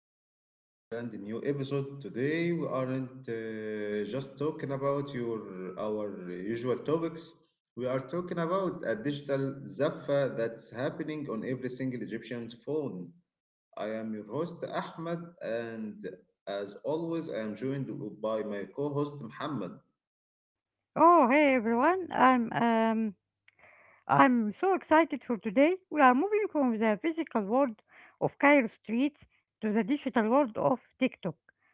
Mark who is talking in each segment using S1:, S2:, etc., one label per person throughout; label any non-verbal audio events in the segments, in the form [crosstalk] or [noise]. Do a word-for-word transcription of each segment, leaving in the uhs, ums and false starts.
S1: everyone to a brand new episode. Today we aren't uh, just talking about your our usual topics. We are talking about a digital zaffa that's happening on every single Egyptian's phone. I am your host Ahmed, and as always, I am joined by my co-host Muhammad.
S2: Oh, hey everyone. I'm um I'm so excited for today. We are moving from the physical world of Cairo streets to the digital world of TikTok.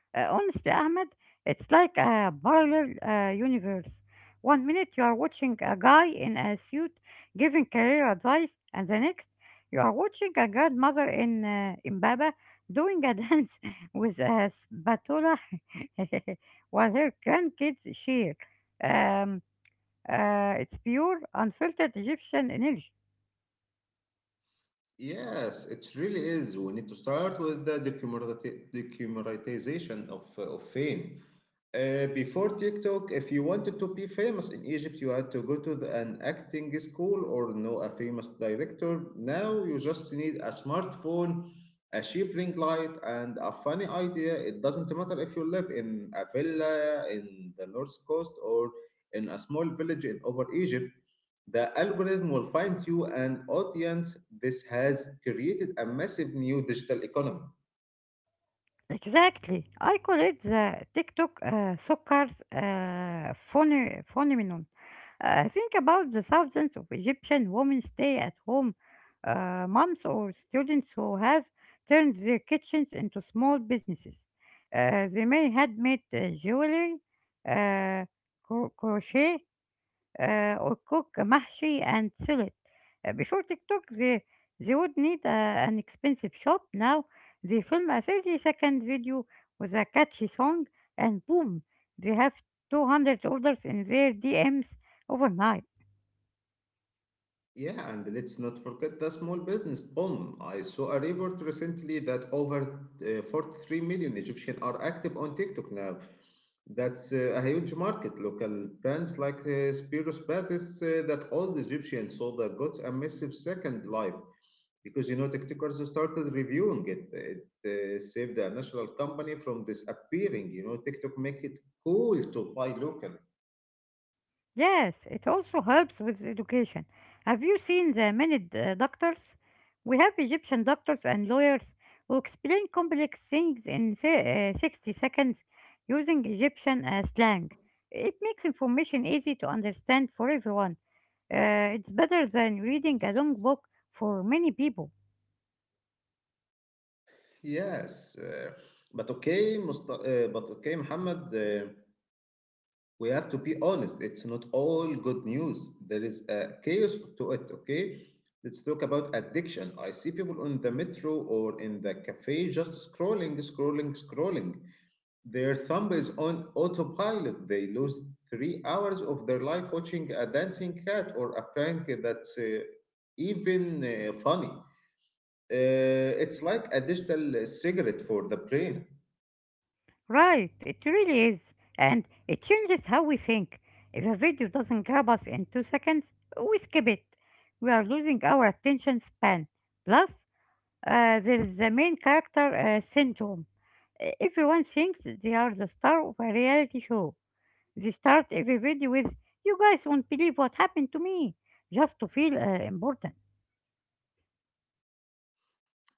S2: Uh, honestly, Ahmed, it's like a parallel uh, universe. One minute you are watching a guy in a suit giving career advice, and the next you are watching a godmother in uh, Mbaba doing a [laughs] dance with a spatula [laughs] while her grandkids cheer. Um, uh, it's pure, unfiltered Egyptian energy.
S1: Yes, it really is. We need to start with the decommoditi- decommoditization of, uh, of fame. Uh, before TikTok, if you wanted to be famous in Egypt, you had to go to the, an acting school or know a famous director. Now you just need a smartphone, a cheap ring light, and a funny idea. It doesn't matter if you live in a villa in the north coast or in a small village in over Egypt. The algorithm will find you an audience. This has created a massive new digital economy.
S2: Exactly. I call it the TikTok uh, soccer's uh, phone- phenomenon. Uh, think about the thousands of Egyptian women stay at home, uh, moms or students who have turned their kitchens into small businesses. Uh, they may handmade uh, jewelry, uh, cro- crochet, uh, or cook mahshi and salad. Uh, before TikTok, they, they would need a, an expensive shop. Now they film a thirty second video with a catchy song, and boom, they have two hundred orders in their D Ms overnight.
S1: Yeah, and let's not forget the small business boom. I saw a report recently that over uh, forty-three million Egyptians are active on TikTok now. That's uh, a huge market. Local brands like uh, Spiros Batis uh, that all the Egyptians saw that got a massive second life, because you know TikTokers started reviewing it. It uh, saved the national company from disappearing. You know, TikTok make it cool to buy local.
S2: Yes, it also helps with education. Have you seen the many d- uh, doctors? We have Egyptian doctors and lawyers who explain complex things in si- uh, sixty seconds using Egyptian uh, slang. It makes information easy to understand for everyone. Uh, it's better than reading a long book for many people.
S1: Yes, uh, but okay, Musta uh, but okay, Muhammad. Uh, we have to be honest. It's not all good news. There is a chaos to it. Okay, let's talk about addiction. I see people on the metro or in the cafe just scrolling, scrolling, scrolling. Their thumb is on autopilot. They lose three hours of their life watching a dancing cat or a prank that's uh, even uh, funny. Uh, it's like a digital uh, cigarette for the brain.
S2: Right, it really is. And it changes how we think. If a video doesn't grab us in two seconds, we skip it. We are losing our attention span. Plus, uh, there is the main character uh, syndrome. E- Everyone thinks they are the star of a reality show. They start every video with, "You guys won't believe what happened to me," just to feel uh, important.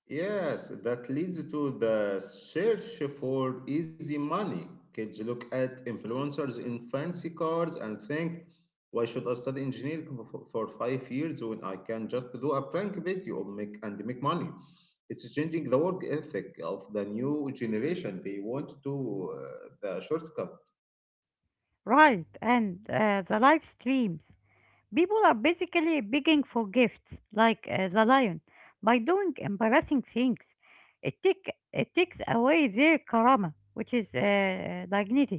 S1: Yes, that leads to the search for easy money. Kids look at influencers in fancy cars and think, why should I study engineering for for five years when I can just do a prank video and make, and make money? It's changing the work ethic of the new generation. They want to uh, the shortcut.
S2: Right, and uh, the live streams. People are basically begging for gifts, like uh, the lion, by doing embarrassing things. It, take, it takes away their karama, which is uh, dignity.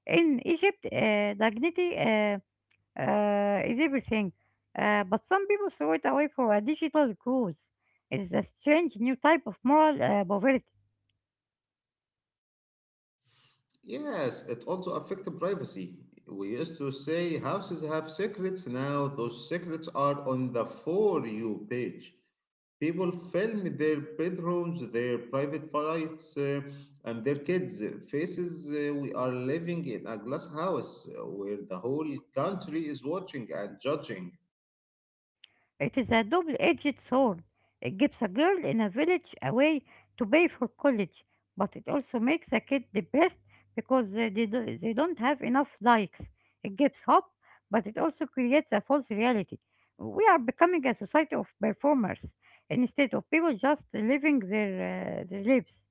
S2: In Egypt, uh, dignity uh, uh, is everything, uh, but some people throw it away for a digital cause. It is a strange new type of moral uh, poverty.
S1: Yes, it also affected privacy. We used to say houses have secrets. Now those secrets are on the For You page. People film their bedrooms, their private flights, uh, and their kids' faces. Uh, we are living in a glass house uh, where the whole country is watching and judging.
S2: It is a double-edged sword. It gives a girl in a village a way to pay for college, but it also makes a kid depressed because they, they, do, they don't have enough likes. It gives hope, but it also creates a false reality. We are becoming a society of performers instead of people just living their, uh, their lives.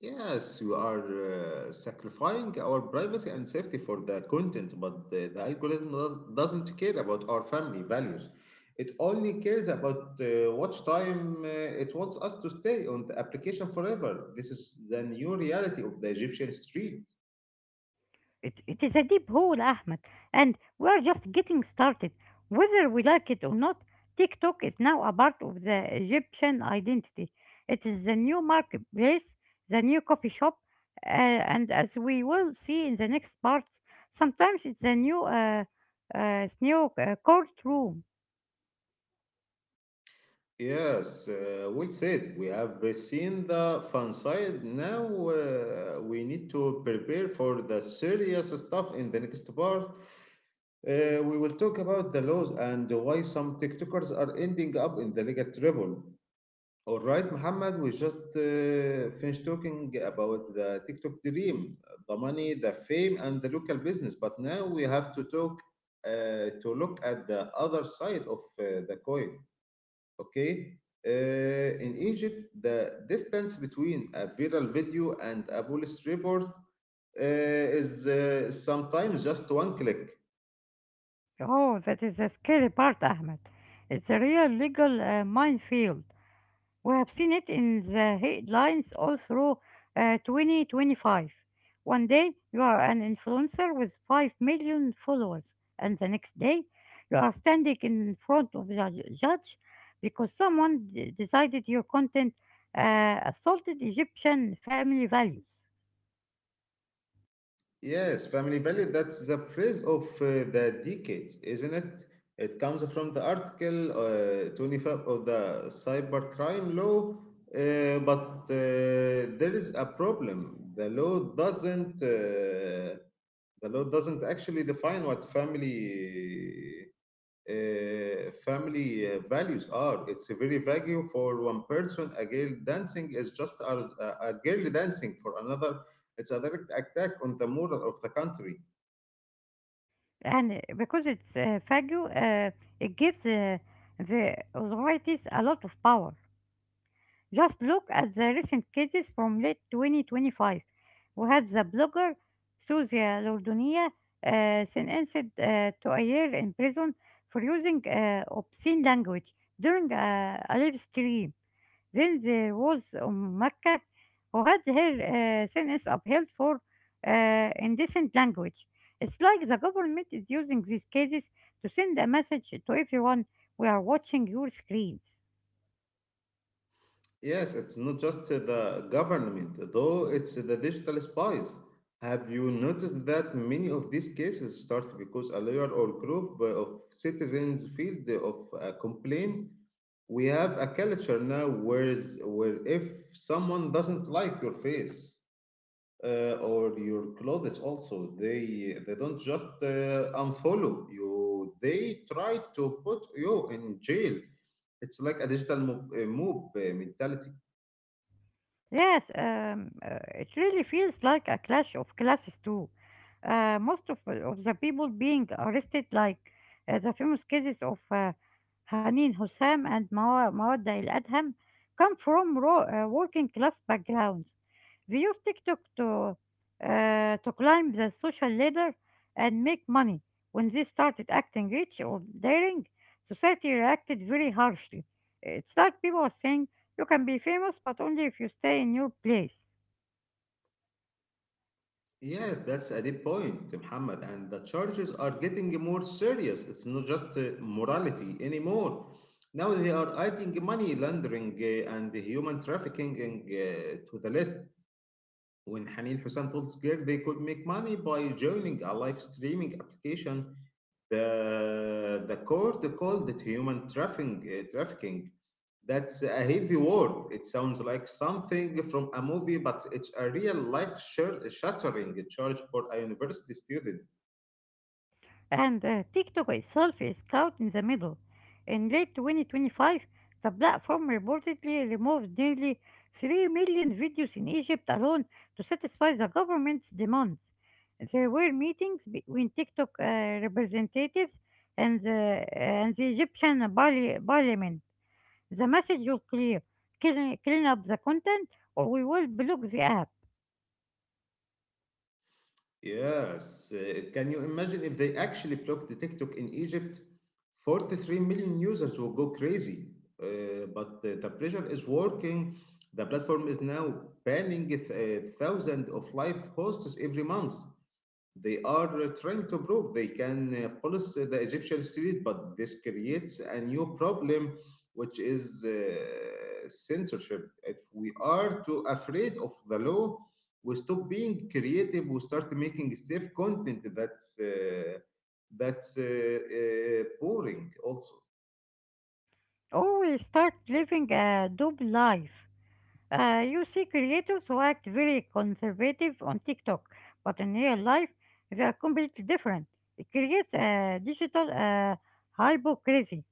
S1: Yes, we are uh, sacrificing our privacy and safety for the content, but the, the algorithm does, doesn't care about our family values. It only cares about uh, watch time. Uh, it wants us to stay on the application forever. This is the new reality of the Egyptian street.
S2: It, it is a deep hole, Ahmed, and we are just getting started. Whether we like it or not, TikTok is now a part of the Egyptian identity. It is the new marketplace, the new coffee shop, uh, and as we will see in the next parts, sometimes it's a new, uh, uh, s- new uh, courtroom.
S1: Yes, uh, well said. We have uh, seen the fun side. Now uh, we need to prepare for the serious stuff in the next part. Uh, we will talk about the laws and why some TikTokers are ending up in the legal trouble. All right, Muhammad, we just uh, finished talking about the TikTok dream, the money, the fame, and the local business. But now we have to talk uh, to look at the other side of uh, the coin. Okay, uh, in Egypt, the distance between a viral video and a police report uh, is uh, sometimes just one click.
S2: Oh, that is a scary part, Ahmed. It's a real legal uh, minefield. We have seen it in the headlines all through uh, twenty twenty-five. One day you are an influencer with five million followers, and the next day you are standing in front of the judge because someone d- decided your content uh, assaulted Egyptian family values.
S1: Yes, family value, that's the phrase of uh, the decades, isn't it? It comes from the article uh, twenty-five of the cybercrime law, uh, but uh, there is a problem. The law doesn't uh, the law doesn't actually define what family uh, family uh, values are. It's a very value for one person. A girl dancing is just a, a a girl dancing for another. It's a direct attack on the moral of the country.
S2: And because it's uh, Fagio, uh, it gives uh, the authorities a lot of power. Just look at the recent cases from late twenty twenty-five. We have the blogger Suzia Lordunia uh, sentenced uh, to a year in prison for using uh, obscene language during a, a live stream. Then there was um, Makkah who had her uh, sentence upheld for uh, indecent language. It's like the government is using these cases to send a message to everyone: we are watching your screens.
S1: Yes, it's not just uh, the government, though it's the digital spies. Have you noticed that many of these cases start because a lawyer or group uh, of citizens filed of a complaint? We have a culture now where, is, where if someone doesn't like your face, uh, or your clothes also they they don't just uh, unfollow you, they try to put you in jail. It's like a digital mob, uh, mob uh, mentality.
S2: Yes, um, uh, it really feels like a clash of classes too. Uh, most of, uh, of the people being arrested, like uh, the famous cases of uh, Hanin Hussam and Mawa- Mawadda El Adham, come from ro- uh, working class backgrounds. They use TikTok to uh, to climb the social ladder and make money. When they started acting rich or daring, society reacted very harshly. It's like people are saying you can be famous, but only if you stay in your place.
S1: Yeah, that's a deep point, Muhammad, and the charges are getting more serious. It's not just uh, morality anymore. Now they are adding money laundering uh, and human trafficking uh, to the list. When Hanin Hussein told Square they could make money by joining a live streaming application, The the court called it human trafficking. uh, Trafficking. That's a heavy word. It sounds like something from a movie, but it's a real life shir- shattering charge for a university student.
S2: And uh, TikTok itself is caught in the middle. In late twenty twenty-five, the platform reportedly removed nearly three million videos in Egypt alone to satisfy the government's demands. There were meetings between TikTok uh, representatives and the, and the Egyptian parli- parliament. The message was clear: clean, clean up the content, or we will block the app,
S1: Yes. uh, Can you imagine if they actually blocked the TikTok in Egypt? forty-three million users will go crazy. Uh, but uh, the pressure is working. The platform is now banning th- uh, thousands of live hosts every month. They are uh, trying to prove they can uh, police the Egyptian street, but this creates a new problem, which is uh, censorship. If we are too afraid of the law, we stop being creative. We start making safe content that's uh, that's uh, uh, boring also.
S2: or we start living a double life. Uh, you see creators who act very conservative on TikTok, but in real life, they are completely different. It creates a digital uh, hypocrisy.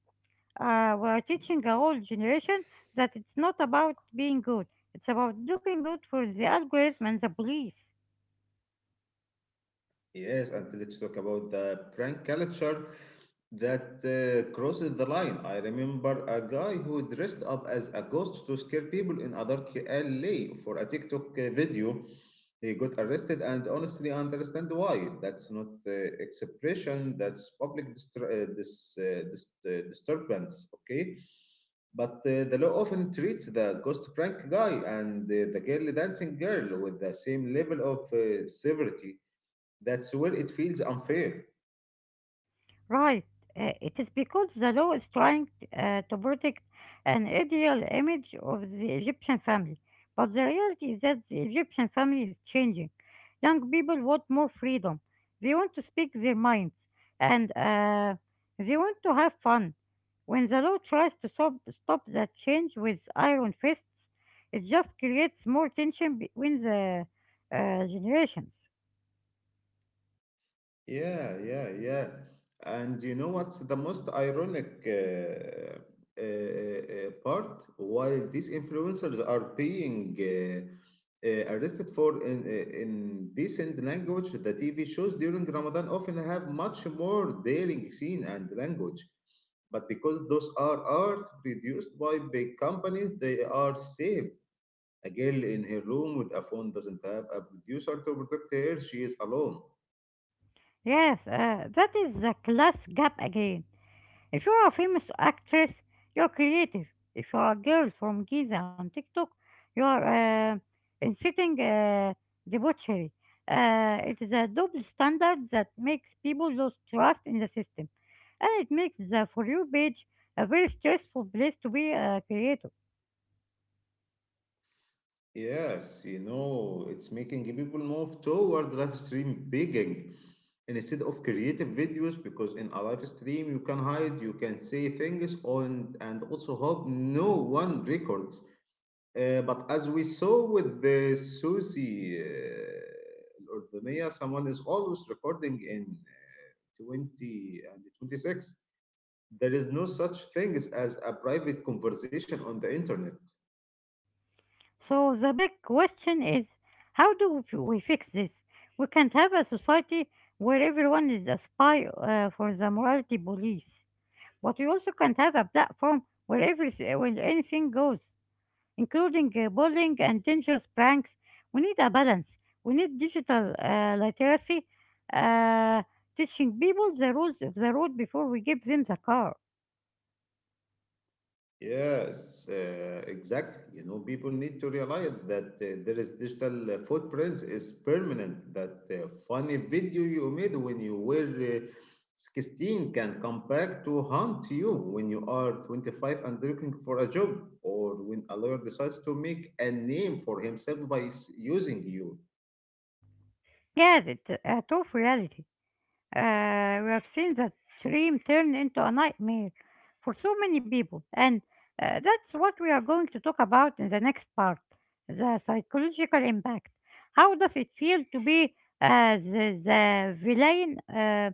S2: Uh, we are teaching a whole generation that it's not about being good, it's about looking good for the algorithm and the police.
S1: Yes, and let's talk about the prank culture that uh, crosses the line. I remember a guy who dressed up as a ghost to scare people in a dark alley for a TikTok uh, video. He got arrested, and honestly, I understand why. That's not uh, expression, that's public distra- uh, dis- uh, dis- uh, disturbance, okay? But uh, the law often treats the ghost prank guy and uh, the girl dancing girl with the same level of uh, severity. That's where it feels unfair.
S2: Right. Uh, it is because the law is trying uh, to protect an ideal image of the Egyptian family. But the reality is that the Egyptian family is changing. Young people want more freedom. They want to speak their minds and uh, they want to have fun. When the law tries to stop, stop that change with iron fists, it just creates more tension between the uh, generations.
S1: Yeah, yeah, yeah. And you know what's the most ironic uh, uh, uh, part? While these influencers are being uh, uh, arrested for in, uh, indecent language, the T V shows during Ramadan often have much more daring scene and language. But because those are art produced by big companies, they are safe. A girl in her room with a phone doesn't have a producer to protect her, she is alone.
S2: Yes, uh, that is the class gap again. If you're a famous actress, you're creative. If you're a girl from Giza on TikTok, you're uh, inciting uh, debauchery. Uh, it is a double standard that makes people lose trust in the system, and it makes the For You page a very stressful place to be a creator.
S1: Yes, you know, it's making people move toward live stream begging instead of creative videos because in a live stream you can hide, you can say things on and also hope no one records. Uh, but as we saw with the Susie uh, Ordonia, someone is always recording in uh, 20 and 26. There is no such thing as a private conversation on the internet.
S2: So the big question is: how do we fix this? We can't have a society where everyone is a spy uh, for the morality police. But we also can't have a platform where everything, where anything goes, including uh, bullying and dangerous pranks. We need a balance. We need digital uh, literacy, uh, teaching people the rules of the road before we give them the car.
S1: Yes, uh, exactly. You know, people need to realize that uh, there is digital uh, footprint is permanent. That uh, funny video you made when you were uh, sixteen can come back to haunt you when you are twenty-five and looking for a job, or when a lawyer decides to make a name for himself by s- using you.
S2: Yes, it's a tough reality. Uh, we have seen that dream turn into a nightmare for so many people, and uh, that's what we are going to talk about in the next part: the psychological impact. How does it feel to be uh, the, the villain uh,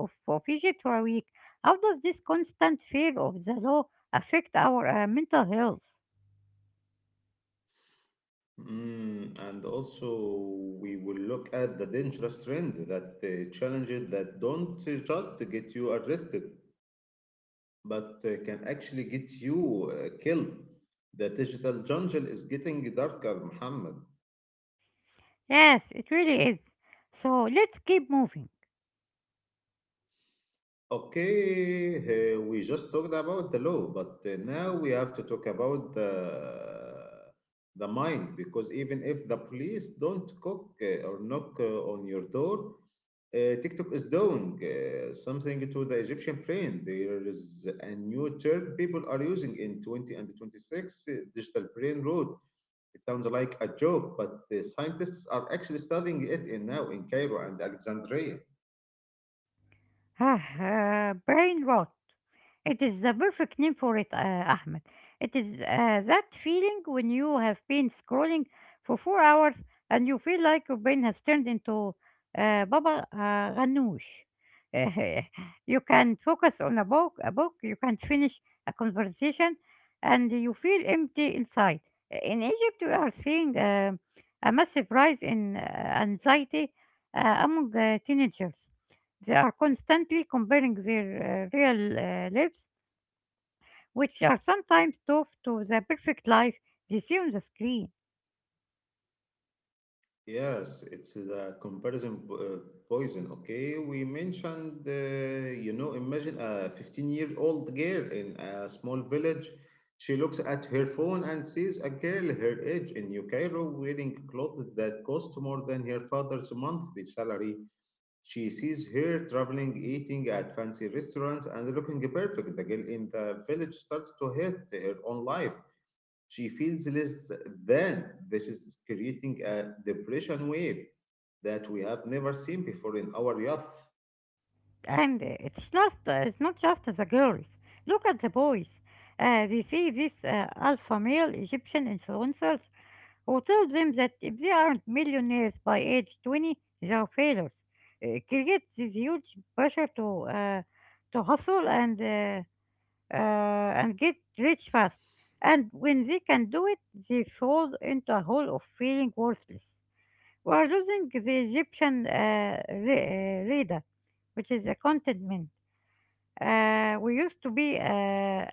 S2: of, of Egypt for a week? How does this constant fear of the law affect our uh, mental health?
S1: Mm, and also, we will look at the dangerous trend that uh, challenges that don't uh, just get you arrested, but uh, can actually get you uh, killed. The digital jungle is getting darker, Muhammad.
S2: Yes, it really is. So let's keep moving.
S1: Okay, uh, we just talked about the law, but uh, now we have to talk about the the mind, because even if the police don't cook uh, or knock uh, on your door, uh, TikTok is doing uh, something to the Egyptian brain. There is a new term people are using in 20 and 26, uh, digital brain road. It sounds like a joke, but the scientists are actually studying it in now in Cairo and Alexandria.
S2: [sighs] Uh, brain rot. It is the perfect name for it, uh, Ahmed. It is uh, that feeling when you have been scrolling for four hours and you feel like your brain has turned into uh, Baba uh, Ganoush. [laughs] You can focus on a book, a book. You can finish a conversation, and you feel empty inside. In Egypt, we are seeing uh, a massive rise in uh, anxiety uh, among uh, teenagers. They are constantly comparing their uh, real uh, lives, which are sometimes tough, to the perfect life they see on the screen.
S1: Yes, it's the comparison po- uh, poison. Okay, we mentioned, uh, you know, imagine a fifteen-year-old girl in a small village. She looks at her phone and sees a girl her age in New Cairo wearing clothes that cost more than her father's monthly salary. She sees her traveling, eating at fancy restaurants, and looking perfect. The girl in the village starts to hate her own life, she feels less than. This is creating a depression wave that we have never seen before in our youth.
S2: And uh, it's just uh, it's not just the girls. Look at the boys. Uh, they see these uh, alpha male Egyptian influencers who tell them that if they aren't millionaires by age twenty, they are failures. It creates this huge pressure to uh, to hustle and uh, uh, and get rich fast. And when they can do it, they fall into a hole of feeling worthless. We are losing the Egyptian uh, re- uh, reader, which is a contentment. Uh, we used to be uh,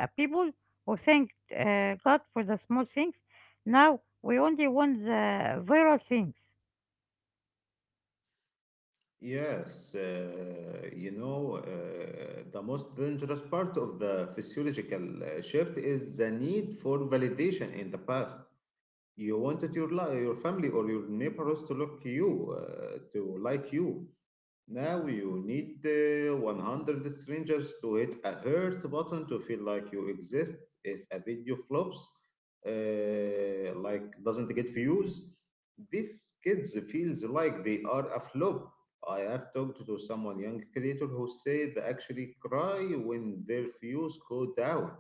S2: a people who thanked uh, God for the small things. Now we only want the viral things.
S1: Yes, uh, you know, uh, the most dangerous part of the physiological uh, shift is the need for validation in the past. You wanted your li- your family or your neighbors to look you, uh, to like you. Now you need uh, one hundred strangers to hit a hurt button to feel like you exist. If a video flops, uh, like doesn't get views, these kids feels like they are a flop. I have talked to someone young creator who say they actually cry when their views go down.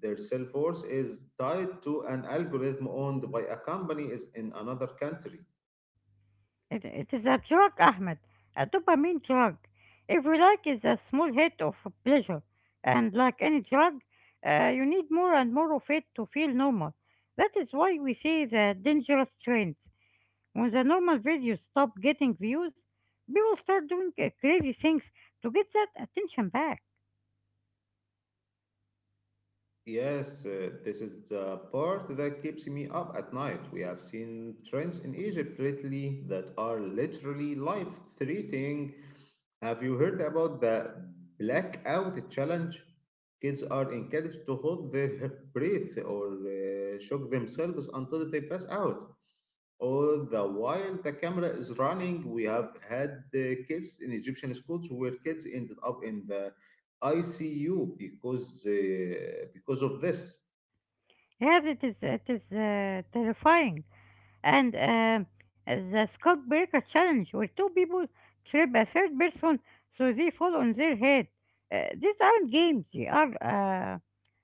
S1: Their self worth is tied to an algorithm owned by a company is in another country.
S2: It, it is a drug, Ahmed, a dopamine drug. If we like, it's a small hit of pleasure. And like any drug, uh, you need more and more of it to feel normal. That is why we see the dangerous trends. When the normal videos stop getting views, people start doing uh, crazy things to get that attention back.
S1: Yes, uh, this is the part that keeps me up at night. We have seen trends in Egypt lately that are literally life-threatening. Have you heard about the blackout challenge? Kids are encouraged to hold their breath or uh, shock themselves until they pass out. All the while the camera is running, we have had uh, kids in Egyptian schools where kids ended up in the I C U because uh, because of this.
S2: Yes, it is. It is uh, terrifying. And um the Scott Breaker challenge, where two people trip a third person so they fall on their head. Uh, these aren't games; they are uh,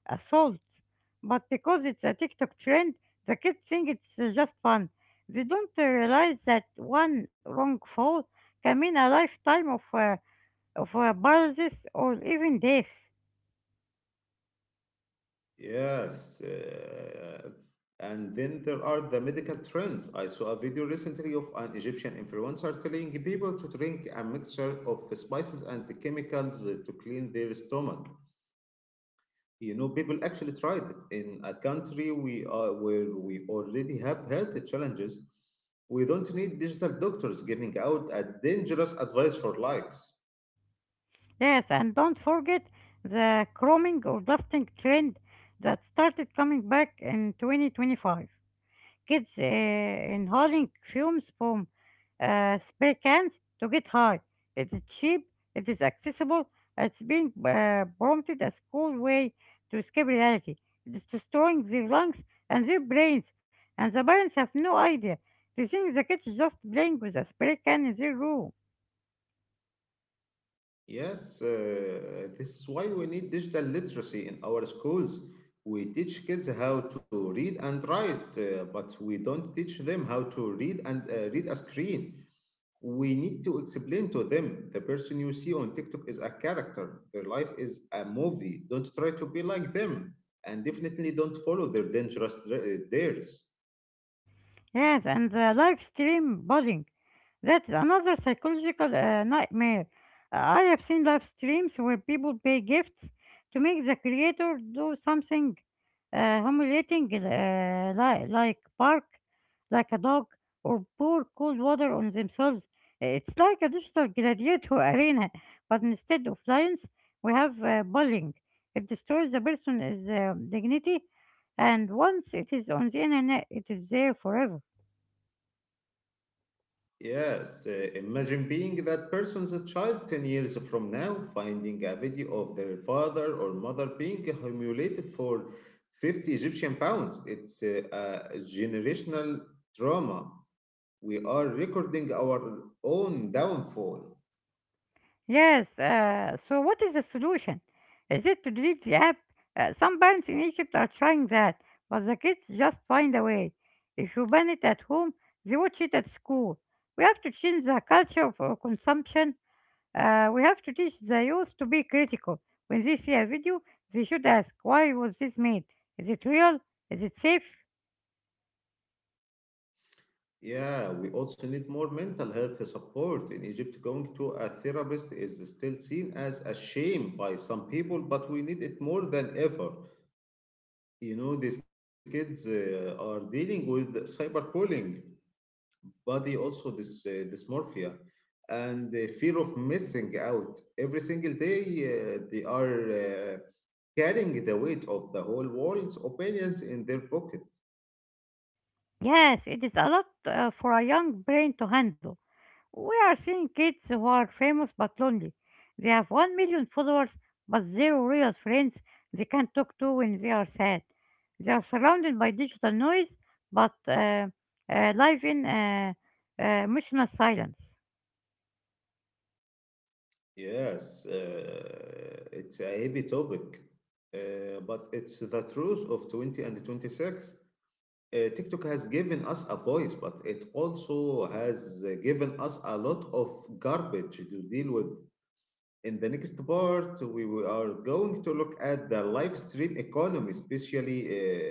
S2: assaults. But because it's a TikTok trend, the kids think it's uh, just fun. They don't uh, realize that one wrong fall can mean a lifetime of uh, for pulses or even death.
S1: Yes, uh, and then there are the medical trends. I saw a video recently of an Egyptian influencer telling people to drink a mixture of spices and chemicals to clean their stomach. You know, people actually tried it in a country we are where we already have health challenges. We don't need digital doctors giving out a dangerous advice for likes.
S2: Yes, and don't forget the chroming or dusting trend that started coming back in twenty twenty-five. Kids uh, inhaling fumes from uh, spray cans to get high. It is cheap, it is accessible, it's being uh, prompted as cool way to escape reality. It is destroying their lungs and their brains, and the parents have no idea. They think the kid is just playing with a spray can in their room.
S1: Yes, uh, this is why we need digital literacy in our schools. We teach kids how to read and write, uh, but we don't teach them how to read and uh, read a screen. We need to explain to them the person you see on TikTok is a character, their life is a movie. Don't try to be like them, and definitely don't follow their dangerous dr- uh, dares.
S2: Yes, and the live stream bullying. That's another psychological uh, nightmare. Uh, I have seen live streams where people pay gifts to make the creator do something uh, humiliating, uh, li- like bark like a dog or pour cold water on themselves. It's like a digital gladiator [laughs] arena, but instead of lions, we have uh, bullying. It destroys the person's uh, dignity, and once it is on the internet, it is there forever.
S1: Yes, uh, Imagine being that person's child ten years from now, finding a video of their father or mother being humiliated for fifty Egyptian pounds. It's uh, a generational trauma. We are recording our own downfall.
S2: Yes. Uh, so what is the solution? Is it to delete the app? Uh, some parents in Egypt are trying that, but the kids just find a way. If you ban it at home, they watch it at school. We have to change the culture of uh, consumption. Uh, we have to teach the youth to be critical. When they see a video, they should ask, why was this made? Is it real? Is it safe?
S1: Yeah, we also need more mental health support. In Egypt, going to a therapist is still seen as a shame by some people, but we need it more than ever. You know, these kids uh, are dealing with cyberbullying, body also this uh, dysmorphia, and the fear of missing out every single day. Uh, they are uh, carrying the weight of the whole world's opinions in their pocket.
S2: Yes, it is a lot uh, for a young brain to handle. We are seeing kids who are famous but lonely. They have 1 million followers but zero real friends they can talk to when they are sad. They are surrounded by digital noise but uh, uh, live in uh, uh, emotional silence.
S1: yes uh, it's a heavy topic, uh, but it's the truth of twenty and twenty-six. Uh, TikTok has given us a voice, but it also has uh, given us a lot of garbage to deal with. In the next part, we will- are going to look at the live stream economy, especially,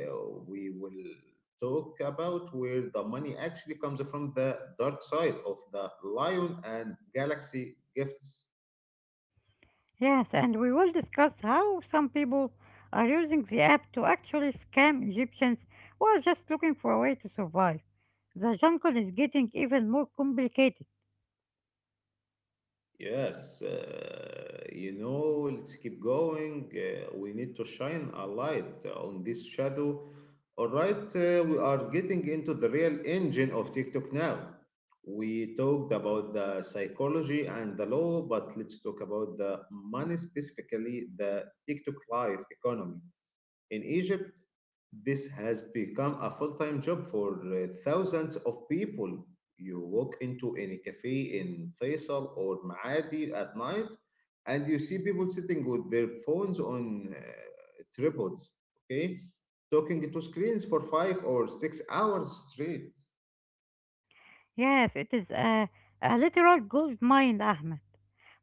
S1: uh, we will talk about where the money actually comes from, the dark side of the Lion and Galaxy gifts.
S2: Yes, and we will discuss how some people are using the app to actually scam Egyptians who are just looking for a way to survive. The jungle is getting even more complicated.
S1: Yes, uh, you know, let's keep going. Uh, we need to shine a light on this shadow. All right, uh, we are getting into the real engine of TikTok now. We talked about the psychology and the law, but let's talk about the money, specifically the TikTok life economy. In Egypt, this has become a full time job for uh, thousands of people. You walk into any cafe in Faisal or Maadi at night, and you see people sitting with their phones on uh, tripods, okay, talking to screens for five or six hours straight.
S2: Yes, it is a, a literal gold mine, Ahmed.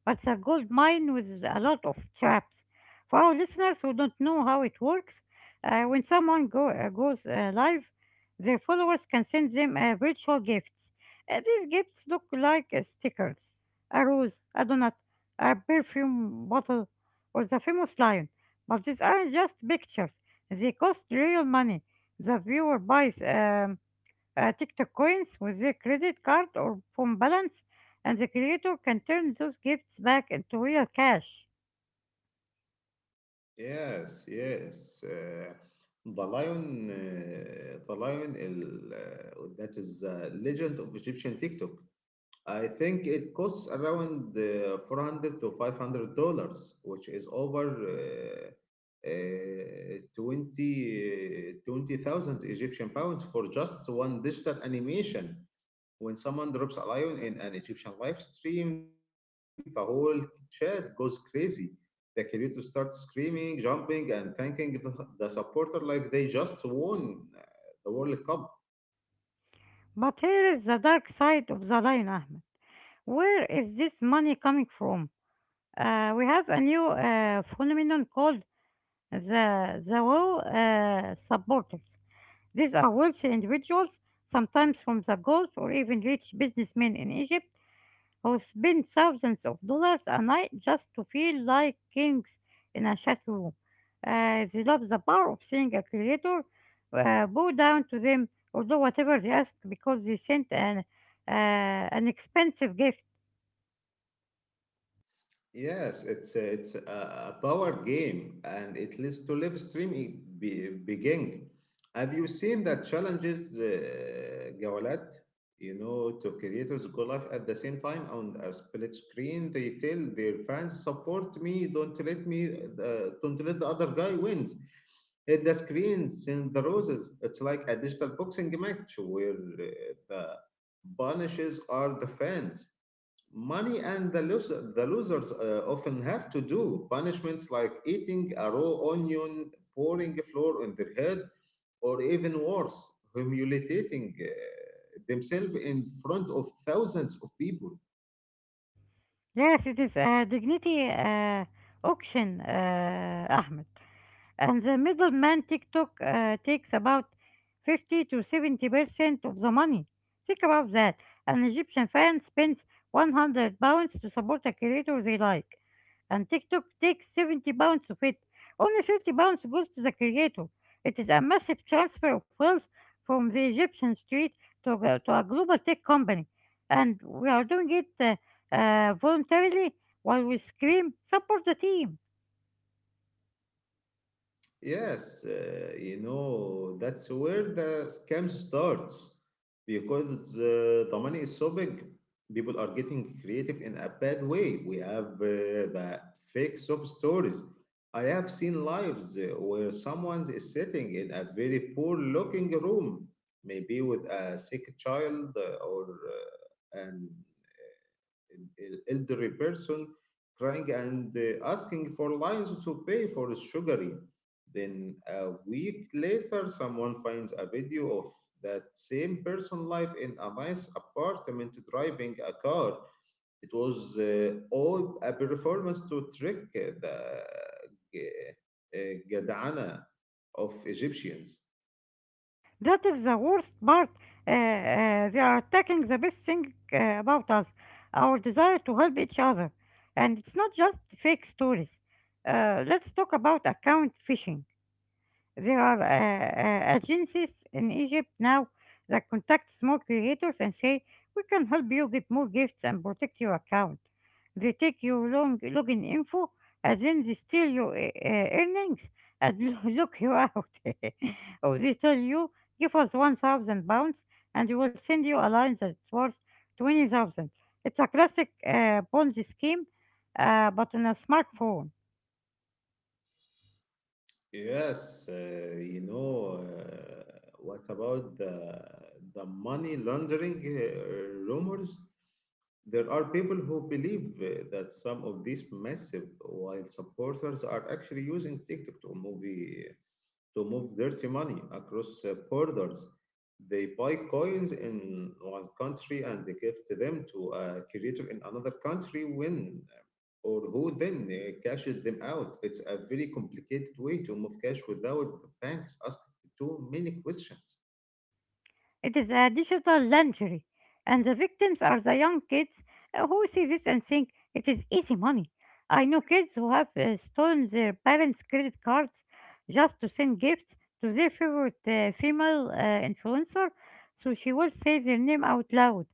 S2: But it's a gold mine with a lot of traps. For our listeners who don't know how it works, uh, when someone go, uh, goes uh, live, their followers can send them uh, virtual gifts. Uh, these gifts look like uh, stickers, a rose, a donut, a perfume bottle, or the famous lion. But these aren't just pictures, they cost real money. The viewer buys. Um, uh, TikTok coins with their credit card or phone balance, and the creator can turn those gifts back into real cash.
S1: Yes, yes. Uh, the lion, uh, the lion, ال- uh, that is the legend of Egyptian TikTok. I think it costs around uh, four hundred to 500 dollars, which is over uh, uh, twenty uh, twenty thousand Egyptian pounds for just one digital animation. When someone drops a lion in an Egyptian live stream, the whole chat goes crazy. The creator starts screaming, jumping, and thanking the, the supporter like they just won uh, the World Cup.
S2: But here is the dark side of the line, Ahmed. Where is this money coming from? Uh, we have a new uh, phenomenon called the the WoW uh, supporters. These are wealthy individuals, sometimes from the Gulf or even rich businessmen in Egypt, who spend thousands of dollars a night just to feel like kings in a chat room. Uh, they love the power of seeing a creator uh, bow down to them or do whatever they ask because they sent an, uh, an expensive gift.
S1: Yes, it's a, it's a a power game, and it leads to live streaming be, beginning. Have you seen that challenges, uh, Gawalat? You know, to creators go live at the same time on a split screen. They tell their fans, "Support me! Don't let me! Uh, don't let the other guy wins." Hit the screens and the roses. It's like a digital boxing match where uh, the punishes are the fans money, and the, loser, the losers uh, often have to do punishments like eating a raw onion, pouring flour on their head, or even worse, humiliating uh, themselves in front of thousands of people.
S2: Yes, it is a dignity uh, auction, uh, Ahmed. And the middleman TikTok uh, takes about fifty to seventy percent of the money. Think about that. An Egyptian fan spends one hundred pounds to support a creator they like, and TikTok takes seventy pounds of it. Only thirty pounds goes to the creator. It is a massive transfer of wealth from the Egyptian street to, a- to a global tech company, and we are doing it, uh, uh, voluntarily while we scream, support the team.
S1: Yes, uh, you know, that's where the scams starts because uh, the money is so big. People are getting creative in a bad way. We have uh, the fake soap stories. I have seen lives uh, where someone is sitting in a very poor looking room, maybe with a sick child uh, or uh, an el- elderly person crying and uh, asking for lions to pay for his sugary. Then a week later, someone finds a video of that same person live in a nice apartment driving a car. It was uh, all a performance to trick the uh, Gadana of Egyptians.
S2: That is the worst part. Uh, uh, they are attacking the best thing uh, about us, our desire to help each other. And it's not just fake stories. Uh, let's talk about account phishing. There are uh, uh, agencies in Egypt now that contact small creators and say, we can help you get more gifts and protect your account. They take your long login info and then they steal your uh, uh, earnings and [laughs] look you out. [laughs] Or they tell you, give us one thousand pounds and we will send you a line that's worth twenty thousand. It's a classic uh, Ponzi scheme, uh, but on a smartphone.
S1: Yes, uh, you know, uh, what about the the money laundering uh, rumors? There are people who believe uh, that some of these massive wild supporters are actually using TikTok to movie to move dirty money across uh, borders. They buy coins in one country and they give to them to a creator in another country when uh, or who then uh, cashes them out. It's a very complicated way to move cash without the banks asking too many questions.
S2: It is a digital lingerie, and the victims are the young kids uh, who see this and think it is easy money. I know kids who have uh, stolen their parents' credit cards just to send gifts to their favorite uh, female uh, influencer so she will say their name out loud.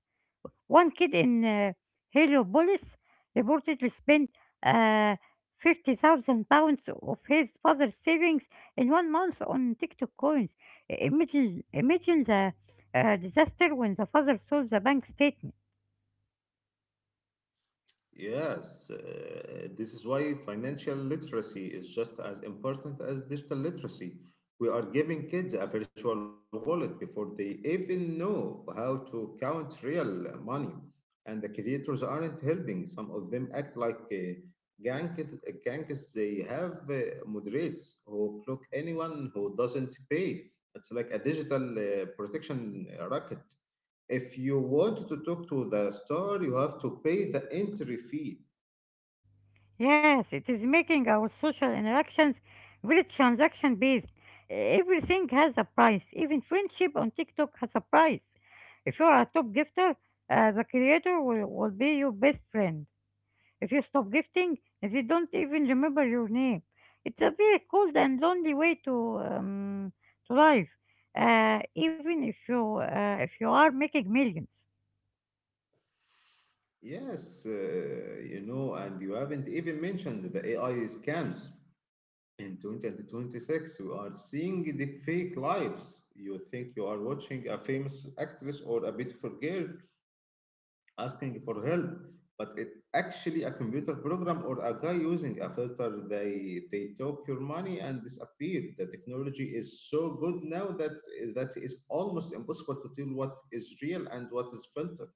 S2: One kid in uh, Heliopolis reportedly spent uh, fifty thousand pounds of his father's savings in one month on TikTok coins. Imagine, imagine the uh, disaster when the father saw the bank statement.
S1: Yes, uh, this is why financial literacy is just as important as digital literacy. We are giving kids a virtual wallet before they even know how to count real money, and the creators aren't helping. Some of them act like uh, gank- gangsters. They have uh, moderates who block anyone who doesn't pay. It's like a digital uh, protection racket. If you want to talk to the star, you have to pay the entry fee.
S2: Yes, it is making our social interactions very transaction based. Everything has a price, even friendship on TikTok has a price. If you are a top gifter, uh, the creator will, will be your best friend. If you stop gifting, they don't even remember your name. It's a very cold and lonely way to um, to live, uh, even if you uh, if you are making millions.
S1: Yes, uh, you know, and you haven't even mentioned the A I scams. In twenty twenty-six, we are seeing the fake lives. You think you are watching a famous actress or a beautiful girl, asking for help, but it's actually a computer program or a guy using a filter. They they took your money and disappeared. The technology is so good now that that is almost impossible to tell what is real and what is filtered.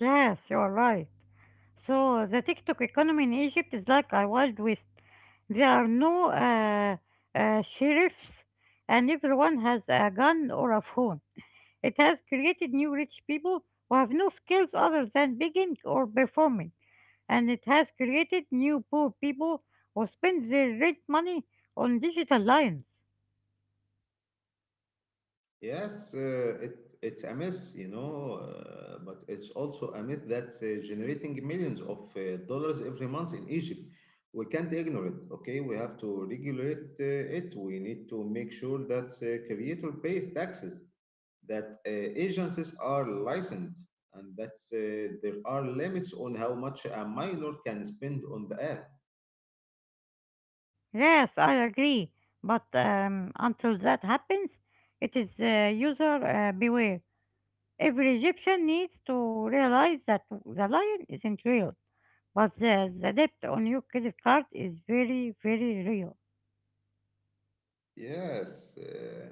S2: Yes, you are right. So the TikTok economy in Egypt is like a wild west. There are no uh, uh, sheriffs, and everyone has a gun or a phone. It has created new rich people who have no skills other than begging or performing, and it has created new poor people who spend their rent money on digital lions.
S1: Yes, uh, it it's a mess, you know, uh, but it's also a myth that uh, generating millions of uh, dollars every month in Egypt. We can't ignore it, okay? We have to regulate uh, it. We need to make sure that uh, creator pays taxes, that uh, agencies are licensed, and that uh, there are limits on how much a minor can spend on the app.
S2: Yes, I agree, but um, until that happens, it is uh, user uh, beware. Every Egyptian needs to realize that the lion isn't real, but the, the debt on your credit card is very, very real.
S1: Yes, uh,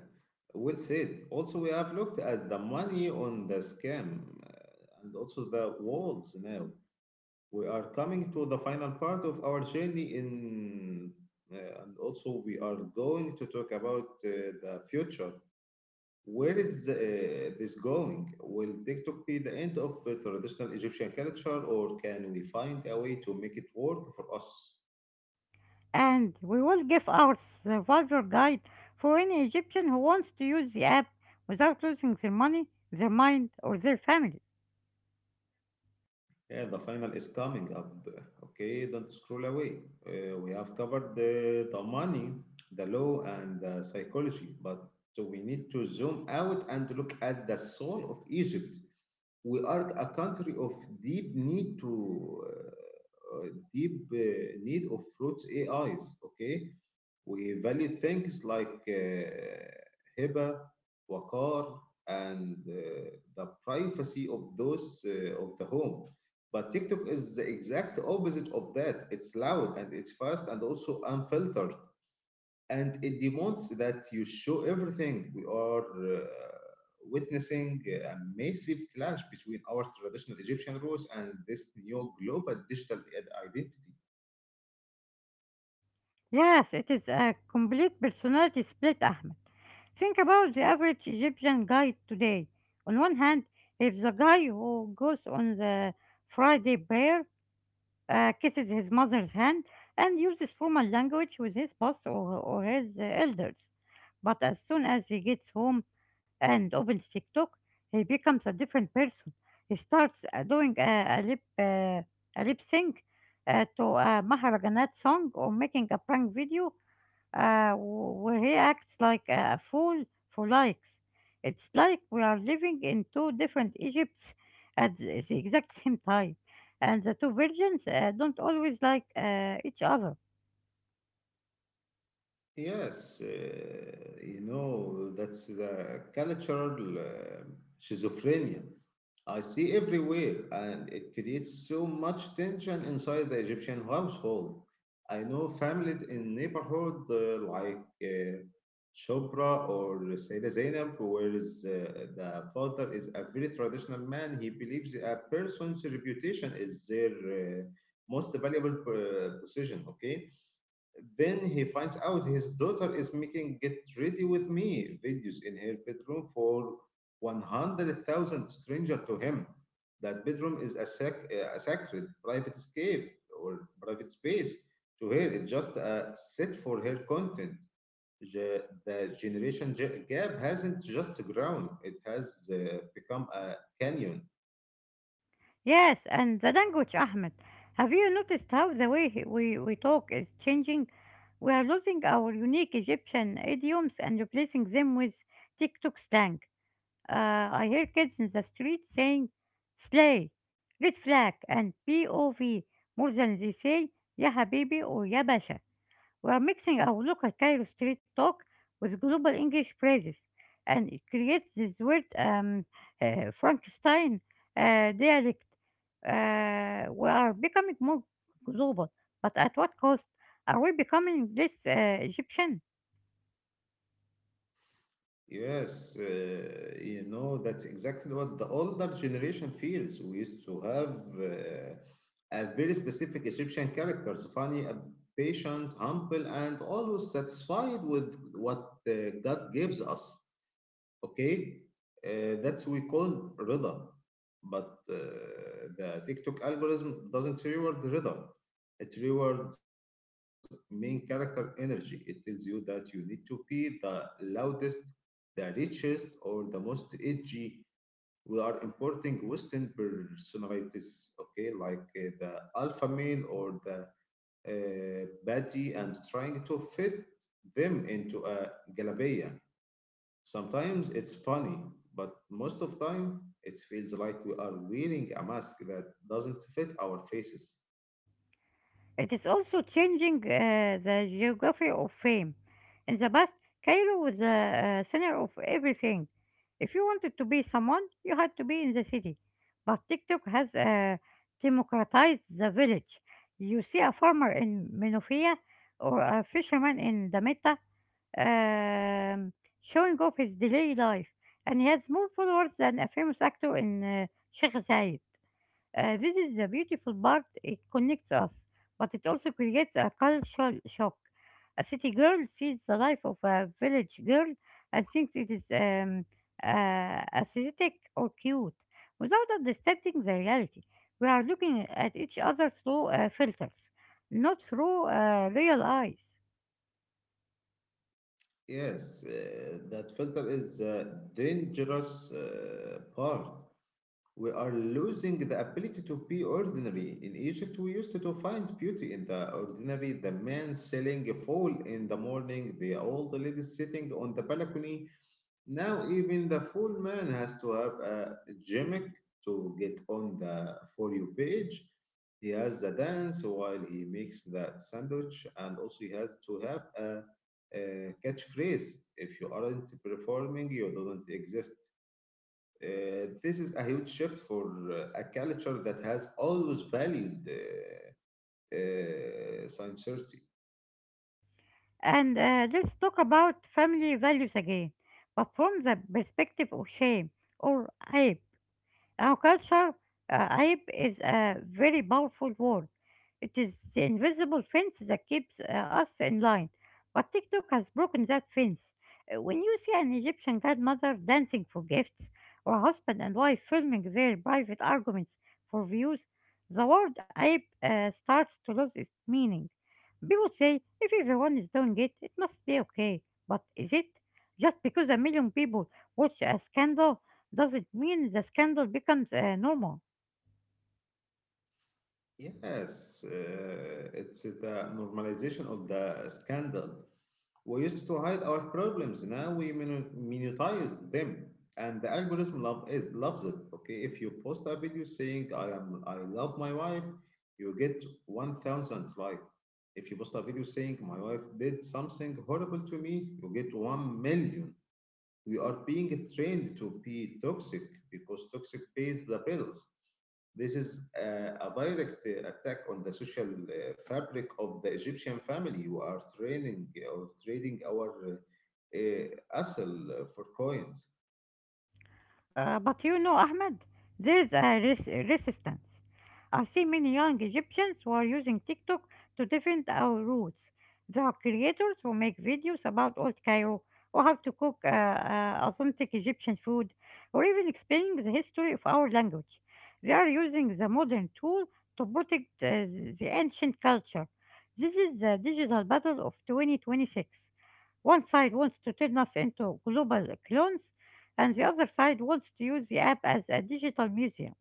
S1: well said. Also, we have looked at the money on the scam uh, and also the walls now. We are coming to the final part of our journey in, uh, and also we are going to talk about uh, the future. Where is uh, this going? Will TikTok be the end of uh, traditional Egyptian culture, or can we find a way to make it work for us?
S2: And we will give our survivor guide for any Egyptian who wants to use the app without losing their money, their mind, or their family.
S1: Yeah, the final is coming up. Okay, don't scroll away. Uh, we have covered the, the money, the law, and the psychology, but we need to zoom out and look at the soul of Egypt. We are a country of deep need to uh, uh, deep uh, need of fruits A Is. Okay, we value things like uh, hiba, wakar, and uh, the privacy of those uh, of the home. But TikTok is the exact opposite of that. It's loud and it's fast and also unfiltered, and it demands that you show everything. We are uh, witnessing uh, a massive clash between our traditional Egyptian rules and this new global digital id- identity.
S2: Yes, it is a complete personality split, Ahmed. Think about the average Egyptian guy today. On one hand, he's the guy who goes on the Friday prayer, uh, kisses his mother's hand, and uses formal language with his boss or, or his uh, elders. But as soon as he gets home and opens TikTok, he becomes a different person. He starts uh, doing a, a lip uh, a lip sync uh, to a Maharaganat song, or making a prank video uh, wh- where he acts like a fool for likes. It's like we are living in two different Egypts at the the exact same time, and the two versions uh, don't always like uh, each other.
S1: Yes, uh, you know, that's the cultural uh, schizophrenia I see everywhere, and it creates so much tension inside the Egyptian household. I know families in neighborhood uh, like uh, Chopra or Sayyida Zainab, where is, uh, the father is a very traditional man. He believes a person's reputation is their uh, most valuable uh, possession. Okay, then he finds out his daughter is making Get Ready With Me videos in her bedroom for one hundred thousand stranger to him. That bedroom is a, sac- a sacred private escape or private space to her. It's just a set for her content. Ge- The generation ge- gap hasn't just grown, it has uh, become a canyon.
S2: Yes, and the language, Ahmed. Have you noticed how the way he- we, we talk is changing? We are losing our unique Egyptian idioms and replacing them with TikTok slang. Uh, I hear kids in the street saying slay, red flag, and P O V more than they say ya habibi or ya basha. We are mixing our local Cairo street talk with global English phrases, and it creates this weird um, uh, Frankenstein uh, dialect. Uh, we are becoming more global, but at what cost? Are we becoming less uh, Egyptian?
S1: Yes, uh, you know, that's exactly what the older generation feels. We used to have uh, a very specific Egyptian characters, funny, uh, patient, humble, and always satisfied with what uh, God gives us, okay. Uh, that's we call rida, but uh, the tiktok algorithm doesn't reward rida. It rewards main character energy. It tells you that you need to be the loudest, the richest, or the most edgy. We are importing western personalities, okay, like uh, the alpha male or the uh, baddie, and trying to fit them into a galabaya. Sometimes it's funny, but most of time it feels like we are wearing a mask that doesn't fit our faces.
S2: It is also changing uh, the geography of fame. In the past, Cairo was the uh, center of everything. If you wanted to be someone, you had to be in the city. But TikTok has uh, democratized the village. You see a farmer in Menofia or a fisherman in Dametta um, showing off his daily life, and he has more followers than a famous actor in uh, Sheikh Zayed. Uh, this is the beautiful part. It connects us, but it also creates a cultural shock. A city girl sees the life of a village girl and thinks it is um, uh, aesthetic or cute, without understanding the reality. We are looking at each other through uh, filters, not through uh, real eyes.
S1: Yes, uh, that filter is the dangerous uh, part. We are losing the ability to be ordinary. In Egypt, we used to find beauty in the ordinary. The man selling a fowl in the morning, the old lady sitting on the balcony, now even the full man has to have a gimmick to get on the For You page. He has the dance while he makes that sandwich, and also he has to have a, a catchphrase. If you aren't performing, you don't exist. Uh, this is a huge shift for uh, a culture that has always valued uh, uh, sincerity.
S2: And uh, let's talk about family values again, but from the perspective of shame or hype. Now, culture, uh, عيب is a very powerful word. It is the invisible fence that keeps uh, us in line. But TikTok has broken that fence. Uh, When you see an Egyptian godmother dancing for gifts, or a husband and wife filming their private arguments for views, the word hype uh, starts to lose its meaning. People say, if everyone is doing it, it must be okay. But is it? Just because a million people watch a scandal doesn't mean the scandal becomes uh, normal.
S1: Yes, uh, it's the normalization of the scandal. We used to hide our problems. Now we minu- minutize them, and the algorithm love is loves it. Okay, if you post a video saying I am I love my wife, you get one thousand like. If you post a video saying my wife did something horrible to me, you get one million. We are being trained to be toxic because toxic pays the bills. This is uh, a direct uh, attack on the social uh, fabric of the Egyptian family. You are training uh, or trading our uh, uh, asl for coins.
S2: Uh, but you know, Ahmed, there is a res- resistance. I see many young Egyptians who are using TikTok to defend our roots. There are creators who make videos about old Cairo or how to cook uh, uh, authentic Egyptian food, or even explaining the history of our language. They are using the modern tool to protect uh, the ancient culture. This is the digital battle of twenty twenty-six. One side wants to turn us into global clones, and the other side wants to use the app as a digital museum.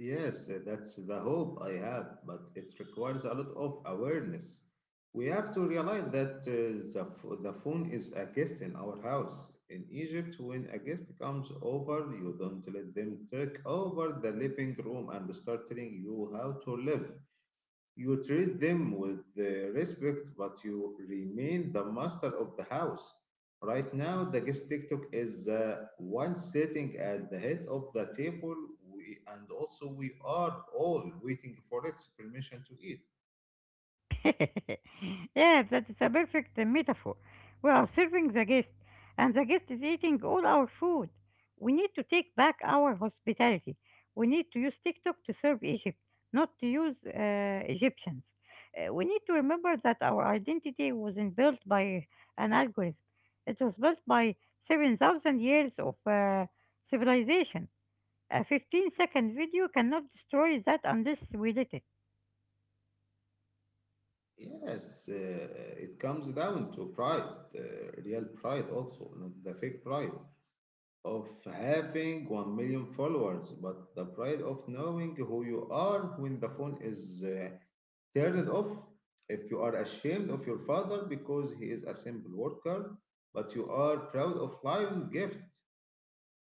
S1: Yes, uh, that's the hope I have, but it requires a lot of awareness. We have to realize that uh, the, ph- the phone is a guest in our house. In Egypt, when a guest comes over, you don't let them take over the living room and start telling you how to live. You treat them with uh, respect, but you remain the master of the house. Right now, the guest TikTok is the one sitting at the head of the table, we, and also we are all waiting for its permission to eat.
S2: [laughs] Yeah, that is a perfect uh, metaphor. We are serving the guest, and the guest is eating all our food. We need to take back our hospitality. We need to use TikTok to serve Egypt, not to use uh, Egyptians. Uh, we need to remember that our identity wasn't built by an algorithm, it was built by seven thousand years of uh, civilization. A fifteen second video cannot destroy that unless we let it.
S1: Yes, uh, it comes down to pride, uh, real pride also, not the fake pride of having one million followers, but the pride of knowing who you are when the phone is uh, turn it off. If you are ashamed of your father because he is a simple worker, but you are proud of lion gift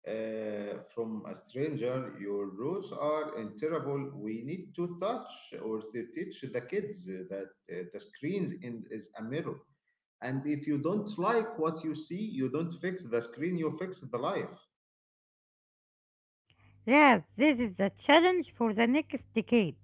S1: uh, from a stranger, your roots are interable. We need to touch or to teach the kids that uh, the screens in, is a mirror. And if you don't like what you see, you don't fix the screen, you fix the life.
S2: Yes, this is the challenge for the next decade.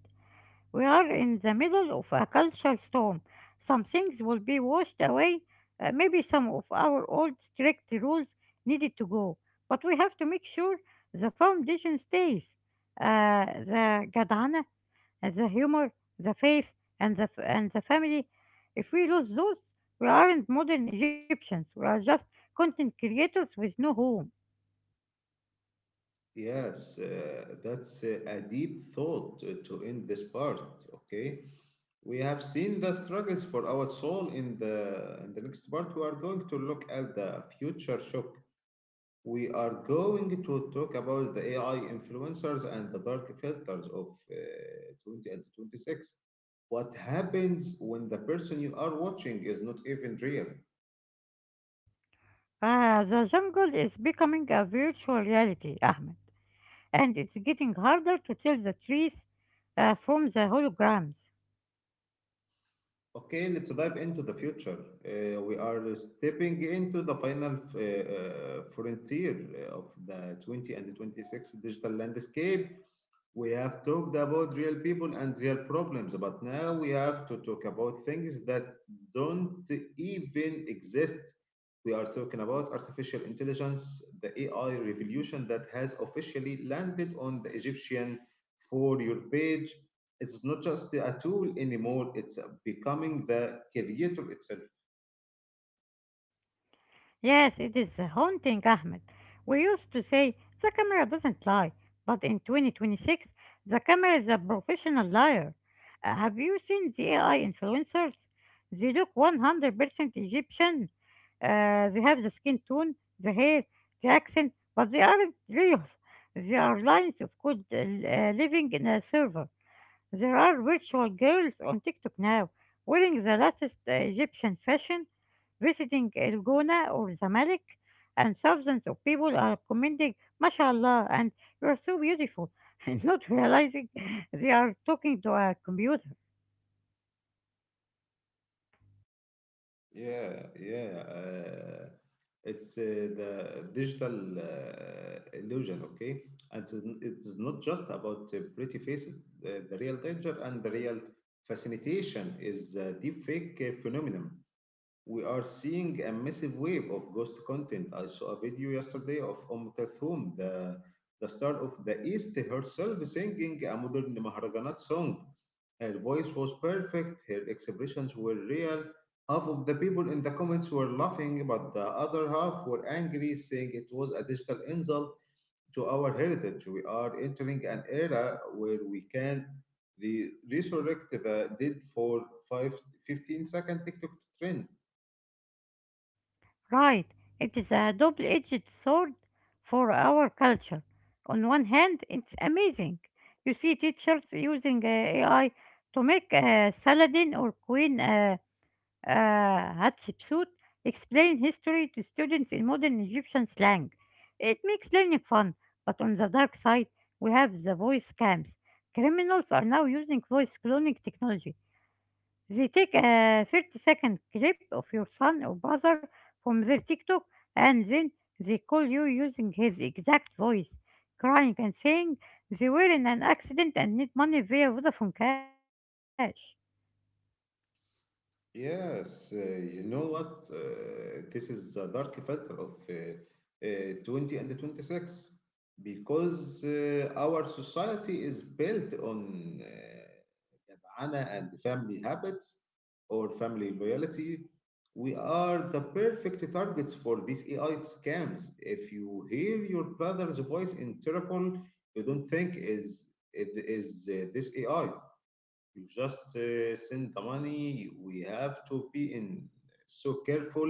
S2: We are in the middle of a cultural storm. Some things will be washed away. Uh, maybe some of our old strict rules needed to go. But we have to make sure the foundation stays. Uh, the gadana, the humor, the faith, and the, f- and the family. If we lose those, we aren't modern Egyptians. We are just content creators with no home.
S1: Yes, uh, that's uh, a deep thought uh, to end this part. Okay. We have seen the struggles for our soul. In the in the next part, we are going to look at the future shock. We are going to talk about the A I influencers and the dark filters of uh, twenty and twenty-six. What happens when the person you are watching is not even real?
S2: Ah, the jungle is becoming a virtual reality, Ahmed, and it's getting harder to tell the trees uh, from the holograms.
S1: Okay, let's dive into the future. Uh, we are stepping into the final f- uh, uh, frontier of the twenty and twenty-six digital landscape. We have talked about real people and real problems, but now we have to talk about things that don't even exist. We are talking about artificial intelligence, the A I revolution that has officially landed on the Egyptian For Your page. It's not just a tool anymore, it's becoming the creator itself.
S2: Yes, it is haunting, Ahmed. We used to say the camera doesn't lie, but in twenty twenty-six, the camera is a professional liar. Uh, have you seen the A I influencers? They look one hundred percent Egyptian. Uh, they have the skin tone, the hair, the accent, but they aren't real. They are lines of code uh, living in a server. There are virtual girls on TikTok now wearing the latest uh, Egyptian fashion, visiting El Gouna or Zamalek, and thousands of people are commenting, MashaAllah, and you are so beautiful, [laughs] and not realizing they are talking to a computer.
S1: Yeah, yeah. Uh, it's uh, the digital uh, illusion, okay? And it's It is not just about uh, pretty faces. Uh, the real danger and the real fascination is the deepfake uh, phenomenon. We are seeing a massive wave of ghost content. I saw a video yesterday of Om Kulthum, the the star of the East, herself singing a modern Maharajanat song. Her voice was perfect, her expressions were real. Half of the people in the comments were laughing, but the other half were angry, saying it was a digital insult to our heritage. We are entering an era where we can re- resurrect the dead for five, fifteen-second TikTok trend.
S2: Right, it is a double edged sword for our culture. On one hand, it's amazing. You see teachers using uh, A I to make uh, Saladin or Queen. Uh, uh, Hatshepsut explain history to students in modern Egyptian slang. It makes learning fun, but on the dark side, we have the voice scams. Criminals are now using voice cloning technology. They take a thirty second clip of your son or brother from their TikTok and then they call you using his exact voice, crying and saying they were in an accident and need money via Vodafone Cash.
S1: Yes, uh, you know what? Uh, this is the dark filter of uh, uh, twenty and twenty-six because uh, our society is built on uh, جدعنة and family habits or family loyalty. We are the perfect targets for these A I scams. If you hear your brother's voice in Interpol, you don't think is it is uh, this A I. You just uh, send the money. We have to be in so careful.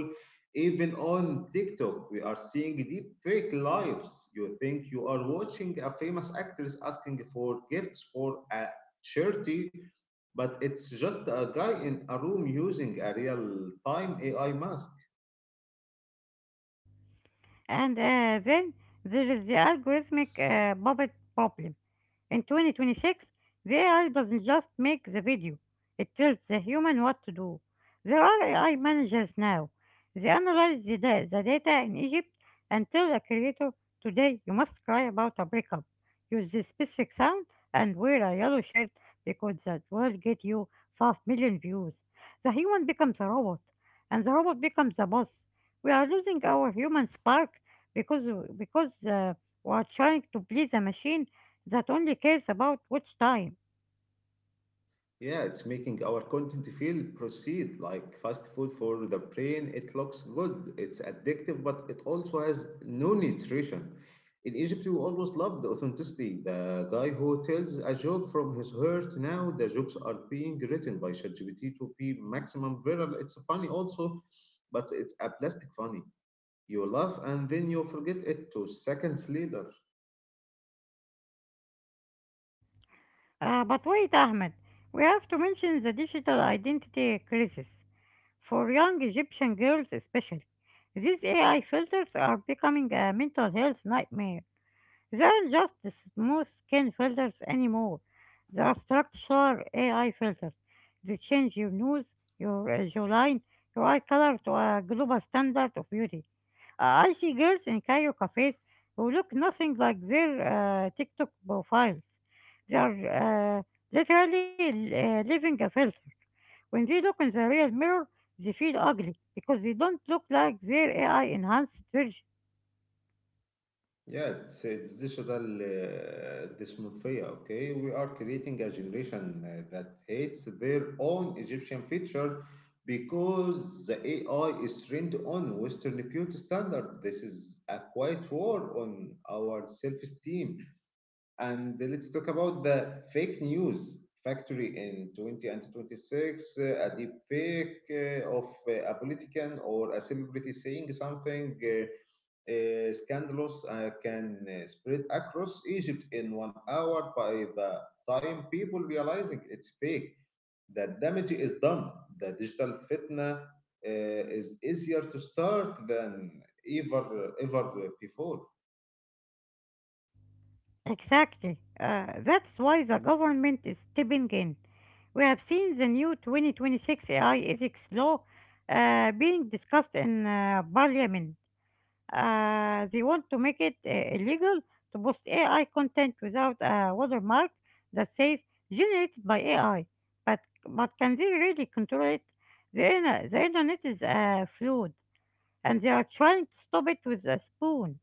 S1: Even on TikTok we are seeing deep fake lives. You think you are watching a famous actress asking for gifts for a charity, but it's just a guy in a room using a real time AI mask.
S2: And uh, then there is the algorithmic uh, puppet problem. In twenty twenty-six, the A I doesn't just make the video, it tells the human what to do. There are A I managers now. They analyze the, da- the data in Egypt and tell the creator, today you must cry about a breakup. Use this specific sound and wear a yellow shirt because that will get you five million views. The human becomes a robot, and the robot becomes a boss. We are losing our human spark because, because uh, we are trying to please a machine that only cares about watch time.
S1: Yeah, it's making our content feel proceed like fast food for the brain. It looks good, it's addictive, but it also has no nutrition. In Egypt, you always loved the authenticity. The guy who tells a joke from his heart, now the jokes are being written by ChatGPT to be maximum viral. It's funny also, but it's a plastic funny. You laugh and then you forget it two seconds later.
S2: Uh, but wait, Ahmed, we have to mention the digital identity crisis for young Egyptian girls, especially. These A I filters are becoming a mental health nightmare. There aren't just smooth skin filters anymore. They are structural A I filters. They change your nose, your uh, jawline, your eye color to a global standard of beauty. Uh, I see girls in Cairo cafes who look nothing like their uh, TikTok profiles. They are uh, literally uh, living a filter. When they look in the real mirror, they feel ugly because they don't look like their A I enhanced version.
S1: Yeah, it's, it's digital uh, dysmorphia, okay? We are creating a generation uh, that hates their own Egyptian feature because the A I is trained on Western beauty standard. This is a quiet war on our self-esteem. And let's talk about the fake news factory in twenty and twenty-six. Uh, a deep fake uh, of uh, a politician or a celebrity saying something uh, uh, scandalous uh, can uh, spread across Egypt in one hour. By the time people realizing it's fake, the damage is done. The digital fitna uh, is easier to start than ever ever before.
S2: Exactly. Uh, that's why the government is stepping in. We have seen the new twenty twenty-six A I ethics law uh, being discussed in uh, parliament. Uh, they want to make it uh, illegal to post A I content without a watermark that says generated by A I. But, but can they really control it? The, inter- the internet is uh, fluid, and they are trying to stop it with a spoon.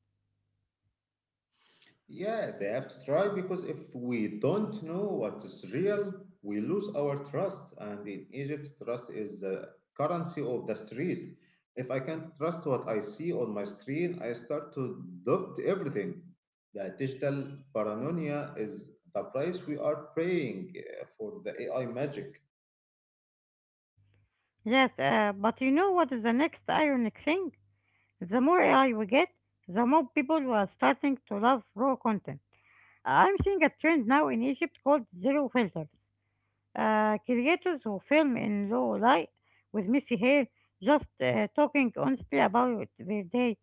S1: Yeah, they have to try because if we don't know what is real, we lose our trust. And in Egypt, trust is the currency of the street. If I can't trust what I see on my screen, I start to doubt everything. The digital paranoia is the price we are paying uh, for the A I magic.
S2: Yes, uh, but you know what is the next ironic thing? The more A I we get, the more people who are starting to love raw content. I'm seeing a trend now in Egypt called zero filters. Uh, creators who film in low light with messy hair, just uh, talking honestly about their day.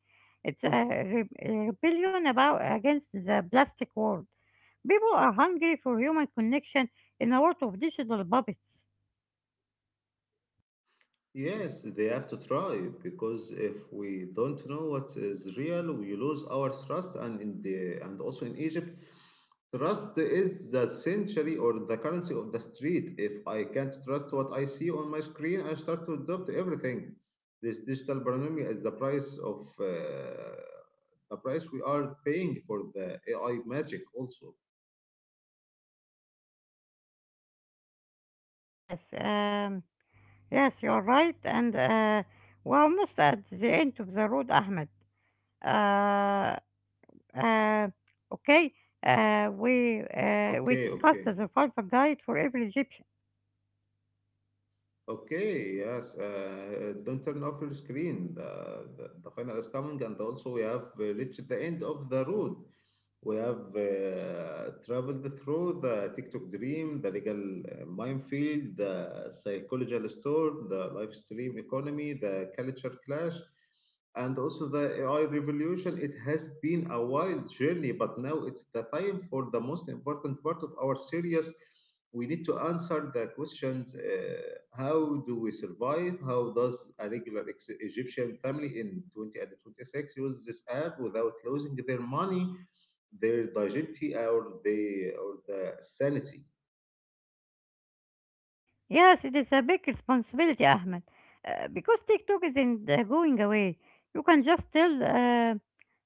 S2: It's a re- rebellion about against the plastic world. People are hungry for human connection in a world of digital puppets.
S1: Yes, they have to try because if we don't know what is real, we lose our trust. And in the and also in Egypt, trust is the century or the currency of the street. If I can't trust what I see on my screen, I start to adopt everything. This digital economy is the price of uh, the price we are paying for the A I magic also.
S2: Yes, um, yes, you're right, and uh, we're almost at the end of the road, Ahmed. Uh, uh, okay, uh, we uh, we
S1: Okay,
S2: discussed
S1: okay,
S2: the survival guide for every Egyptian.
S1: okay. Yes, uh, don't turn off your screen. The, the, the final is coming, and also we have uh, reached the end of the road. We have uh, traveled through the TikTok dream, the legal uh, minefield, the psychological storm, the live stream economy, the culture clash, and also the A I revolution. It has been a wild journey, but now it's the time for the most important part of our series. We need to answer the questions uh, how do we survive? How does a regular ex- Egyptian family in twenty twenty-six use this app without losing their money, their dignity, or the or the sanity?
S2: Yes, it is a big responsibility, Ahmed, uh, because TikTok isn't uh, going away. You can just tell uh,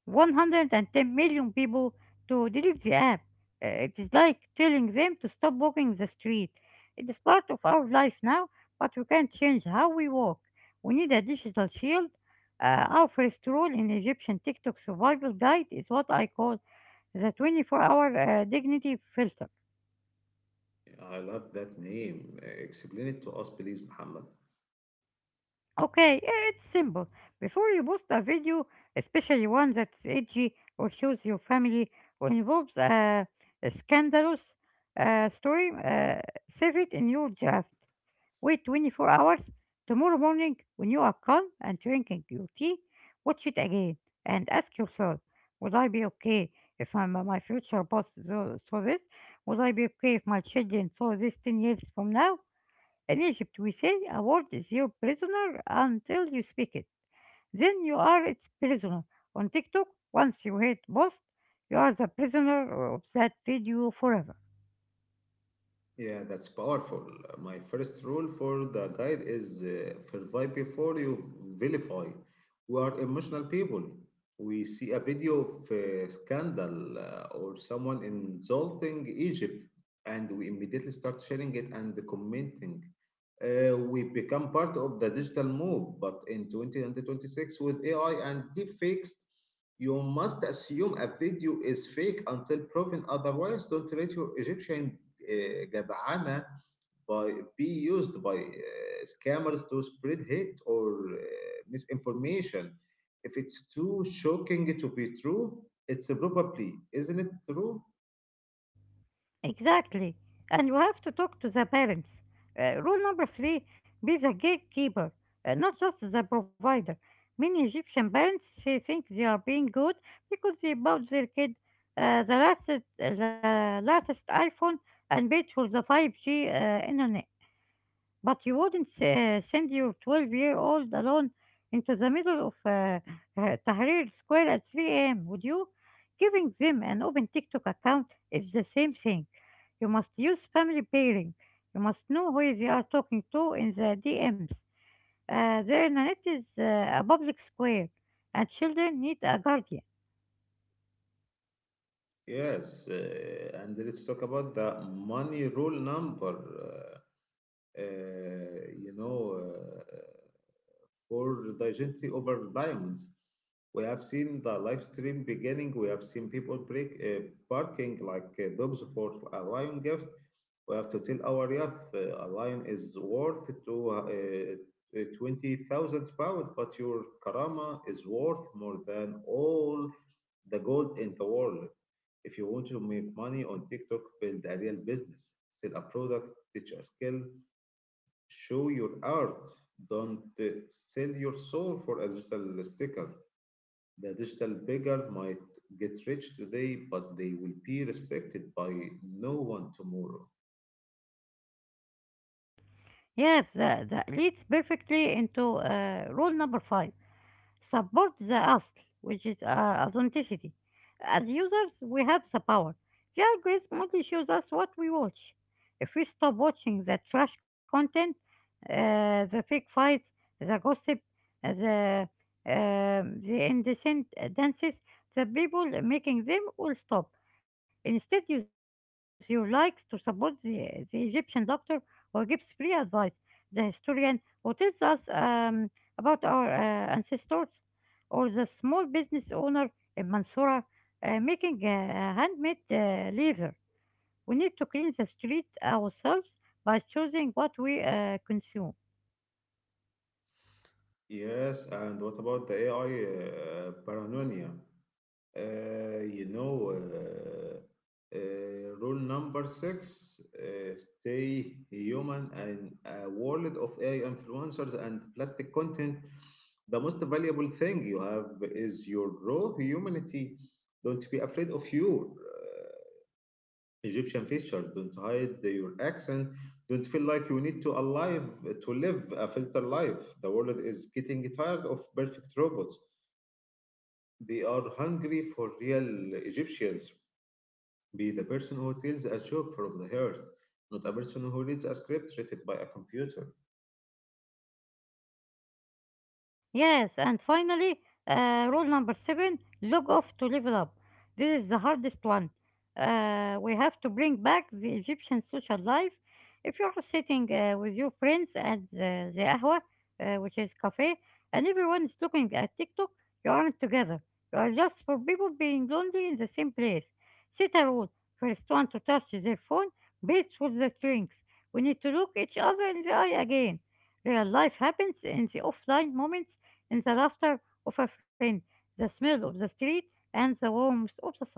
S2: one hundred ten million people to delete the app. Uh, it is like telling them to stop walking the street. It is part of our life now, but we can't change how we walk. We need a digital shield. Uh, our first rule in Egyptian TikTok survival guide is what I call the twenty-four hour uh, dignity filter.
S1: I love that name. Explain it to us, please, Muhammad.
S2: Okay, eh, it's simple. Before you post a video, especially one that's edgy or shows your family or involves a, a scandalous uh, story, uh, save it in your draft. Wait twenty-four hours. Tomorrow morning, when you are calm and drinking your tea, watch it again and ask yourself, would I be okay if I'm, my my future boss saw, saw this? Would I be okay if my children saw this ten years from now? In Egypt, we say a word is your prisoner until you speak it. Then you are its prisoner. On TikTok, once you hit post, you are the prisoner of that video forever.
S1: Yeah, that's powerful. Uh, My first rule for the guide is uh, verify before you vilify. We are emotional people. We see a video of a scandal uh, or someone insulting Egypt, and we immediately start sharing it and commenting. Uh, we become part of the digital move, but in two thousand twenty-six, with A I and deepfakes, you must assume a video is fake until proven otherwise. Don't let your Egyptian uh, Gadana by, be used by uh, scammers to spread hate or uh, misinformation. If it's too shocking to be true, it's probably, isn't it true?
S2: Exactly. And you have to talk to the parents. Uh, rule number three, be the gatekeeper, uh, not just the provider. Many Egyptian parents, they think they are being good because they bought their kid uh, the, latest, the latest iPhone and paid for the five G uh, internet. But you wouldn't s- uh, send your twelve-year-old alone into the middle of uh, uh, Tahrir Square at three a m, would you? Giving them an open TikTok account is the same thing. You must use family pairing. You must know who they are talking to in the D Ms. Uh, the internet is uh, a public square, and children need a guardian.
S1: Yes, uh, and let's talk about the money rule number. Uh, you know, uh, For digestivity over diamonds. We have seen the live stream beginning. We have seen people break, uh, barking like uh, dogs for a lion gift. We have to tell our youth uh, a lion is worth to uh, uh, twenty thousand pounds, but your karama is worth more than all the gold in the world. If you want to make money on TikTok, build a real business, sell a product, teach a skill, show your art. Don't uh, sell your soul for a digital sticker. The digital beggar might get rich today, but they will be respected by no one tomorrow.
S2: Yes, that, that leads perfectly into uh, rule number five. Support the asl, which is uh, authenticity. As users, we have the power. The algorithm only shows us what we watch. If we stop watching the trash content, uh, the fake fights, the gossip, uh, the um, the indecent dances, the people making them will stop. Instead, use your likes to support the, the Egyptian doctor who gives free advice, the historian who tells us um, about our uh, ancestors, or the small business owner in Mansoura uh, making a a handmade uh, leather. We need to clean the street ourselves by choosing what we uh, consume.
S1: Yes, and what about the A I uh, paranoia? Uh, you know, uh, uh, rule number six, uh, stay human. And a world of A I influencers and plastic content, the most valuable thing you have is your raw humanity. Don't be afraid of your uh, Egyptian feature. Don't hide your accent. Don't feel like you need to alive to live a filter life. The world is getting tired of perfect robots. They are hungry for real Egyptians. Be the person who tells a joke from the heart, not a person who reads a script written by a computer.
S2: Yes, and finally, uh, rule number seven, log off to level up. This is the hardest one. Uh, we have to bring back the Egyptian social life. If you are sitting uh, with your friends at the, the Ahwa, uh, which is cafe, and everyone is looking at TikTok, you aren't together. You are just for people being lonely in the same place. Set a rule. First one to touch their phone, best for the drinks. We need to look each other in the eye again. Real life happens in the offline moments, in the laughter of a friend, the smell of the street, and the warmth of the sun.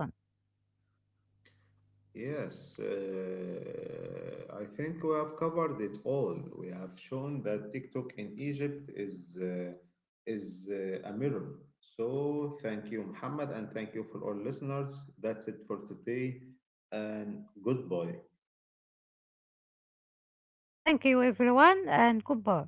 S1: Yes, uh, I think we have covered it all. We have shown that TikTok in Egypt is uh, is uh, a mirror. So thank you, Muhammad, and thank you for all listeners. That's it for today, and goodbye.
S2: Thank you, everyone, and goodbye.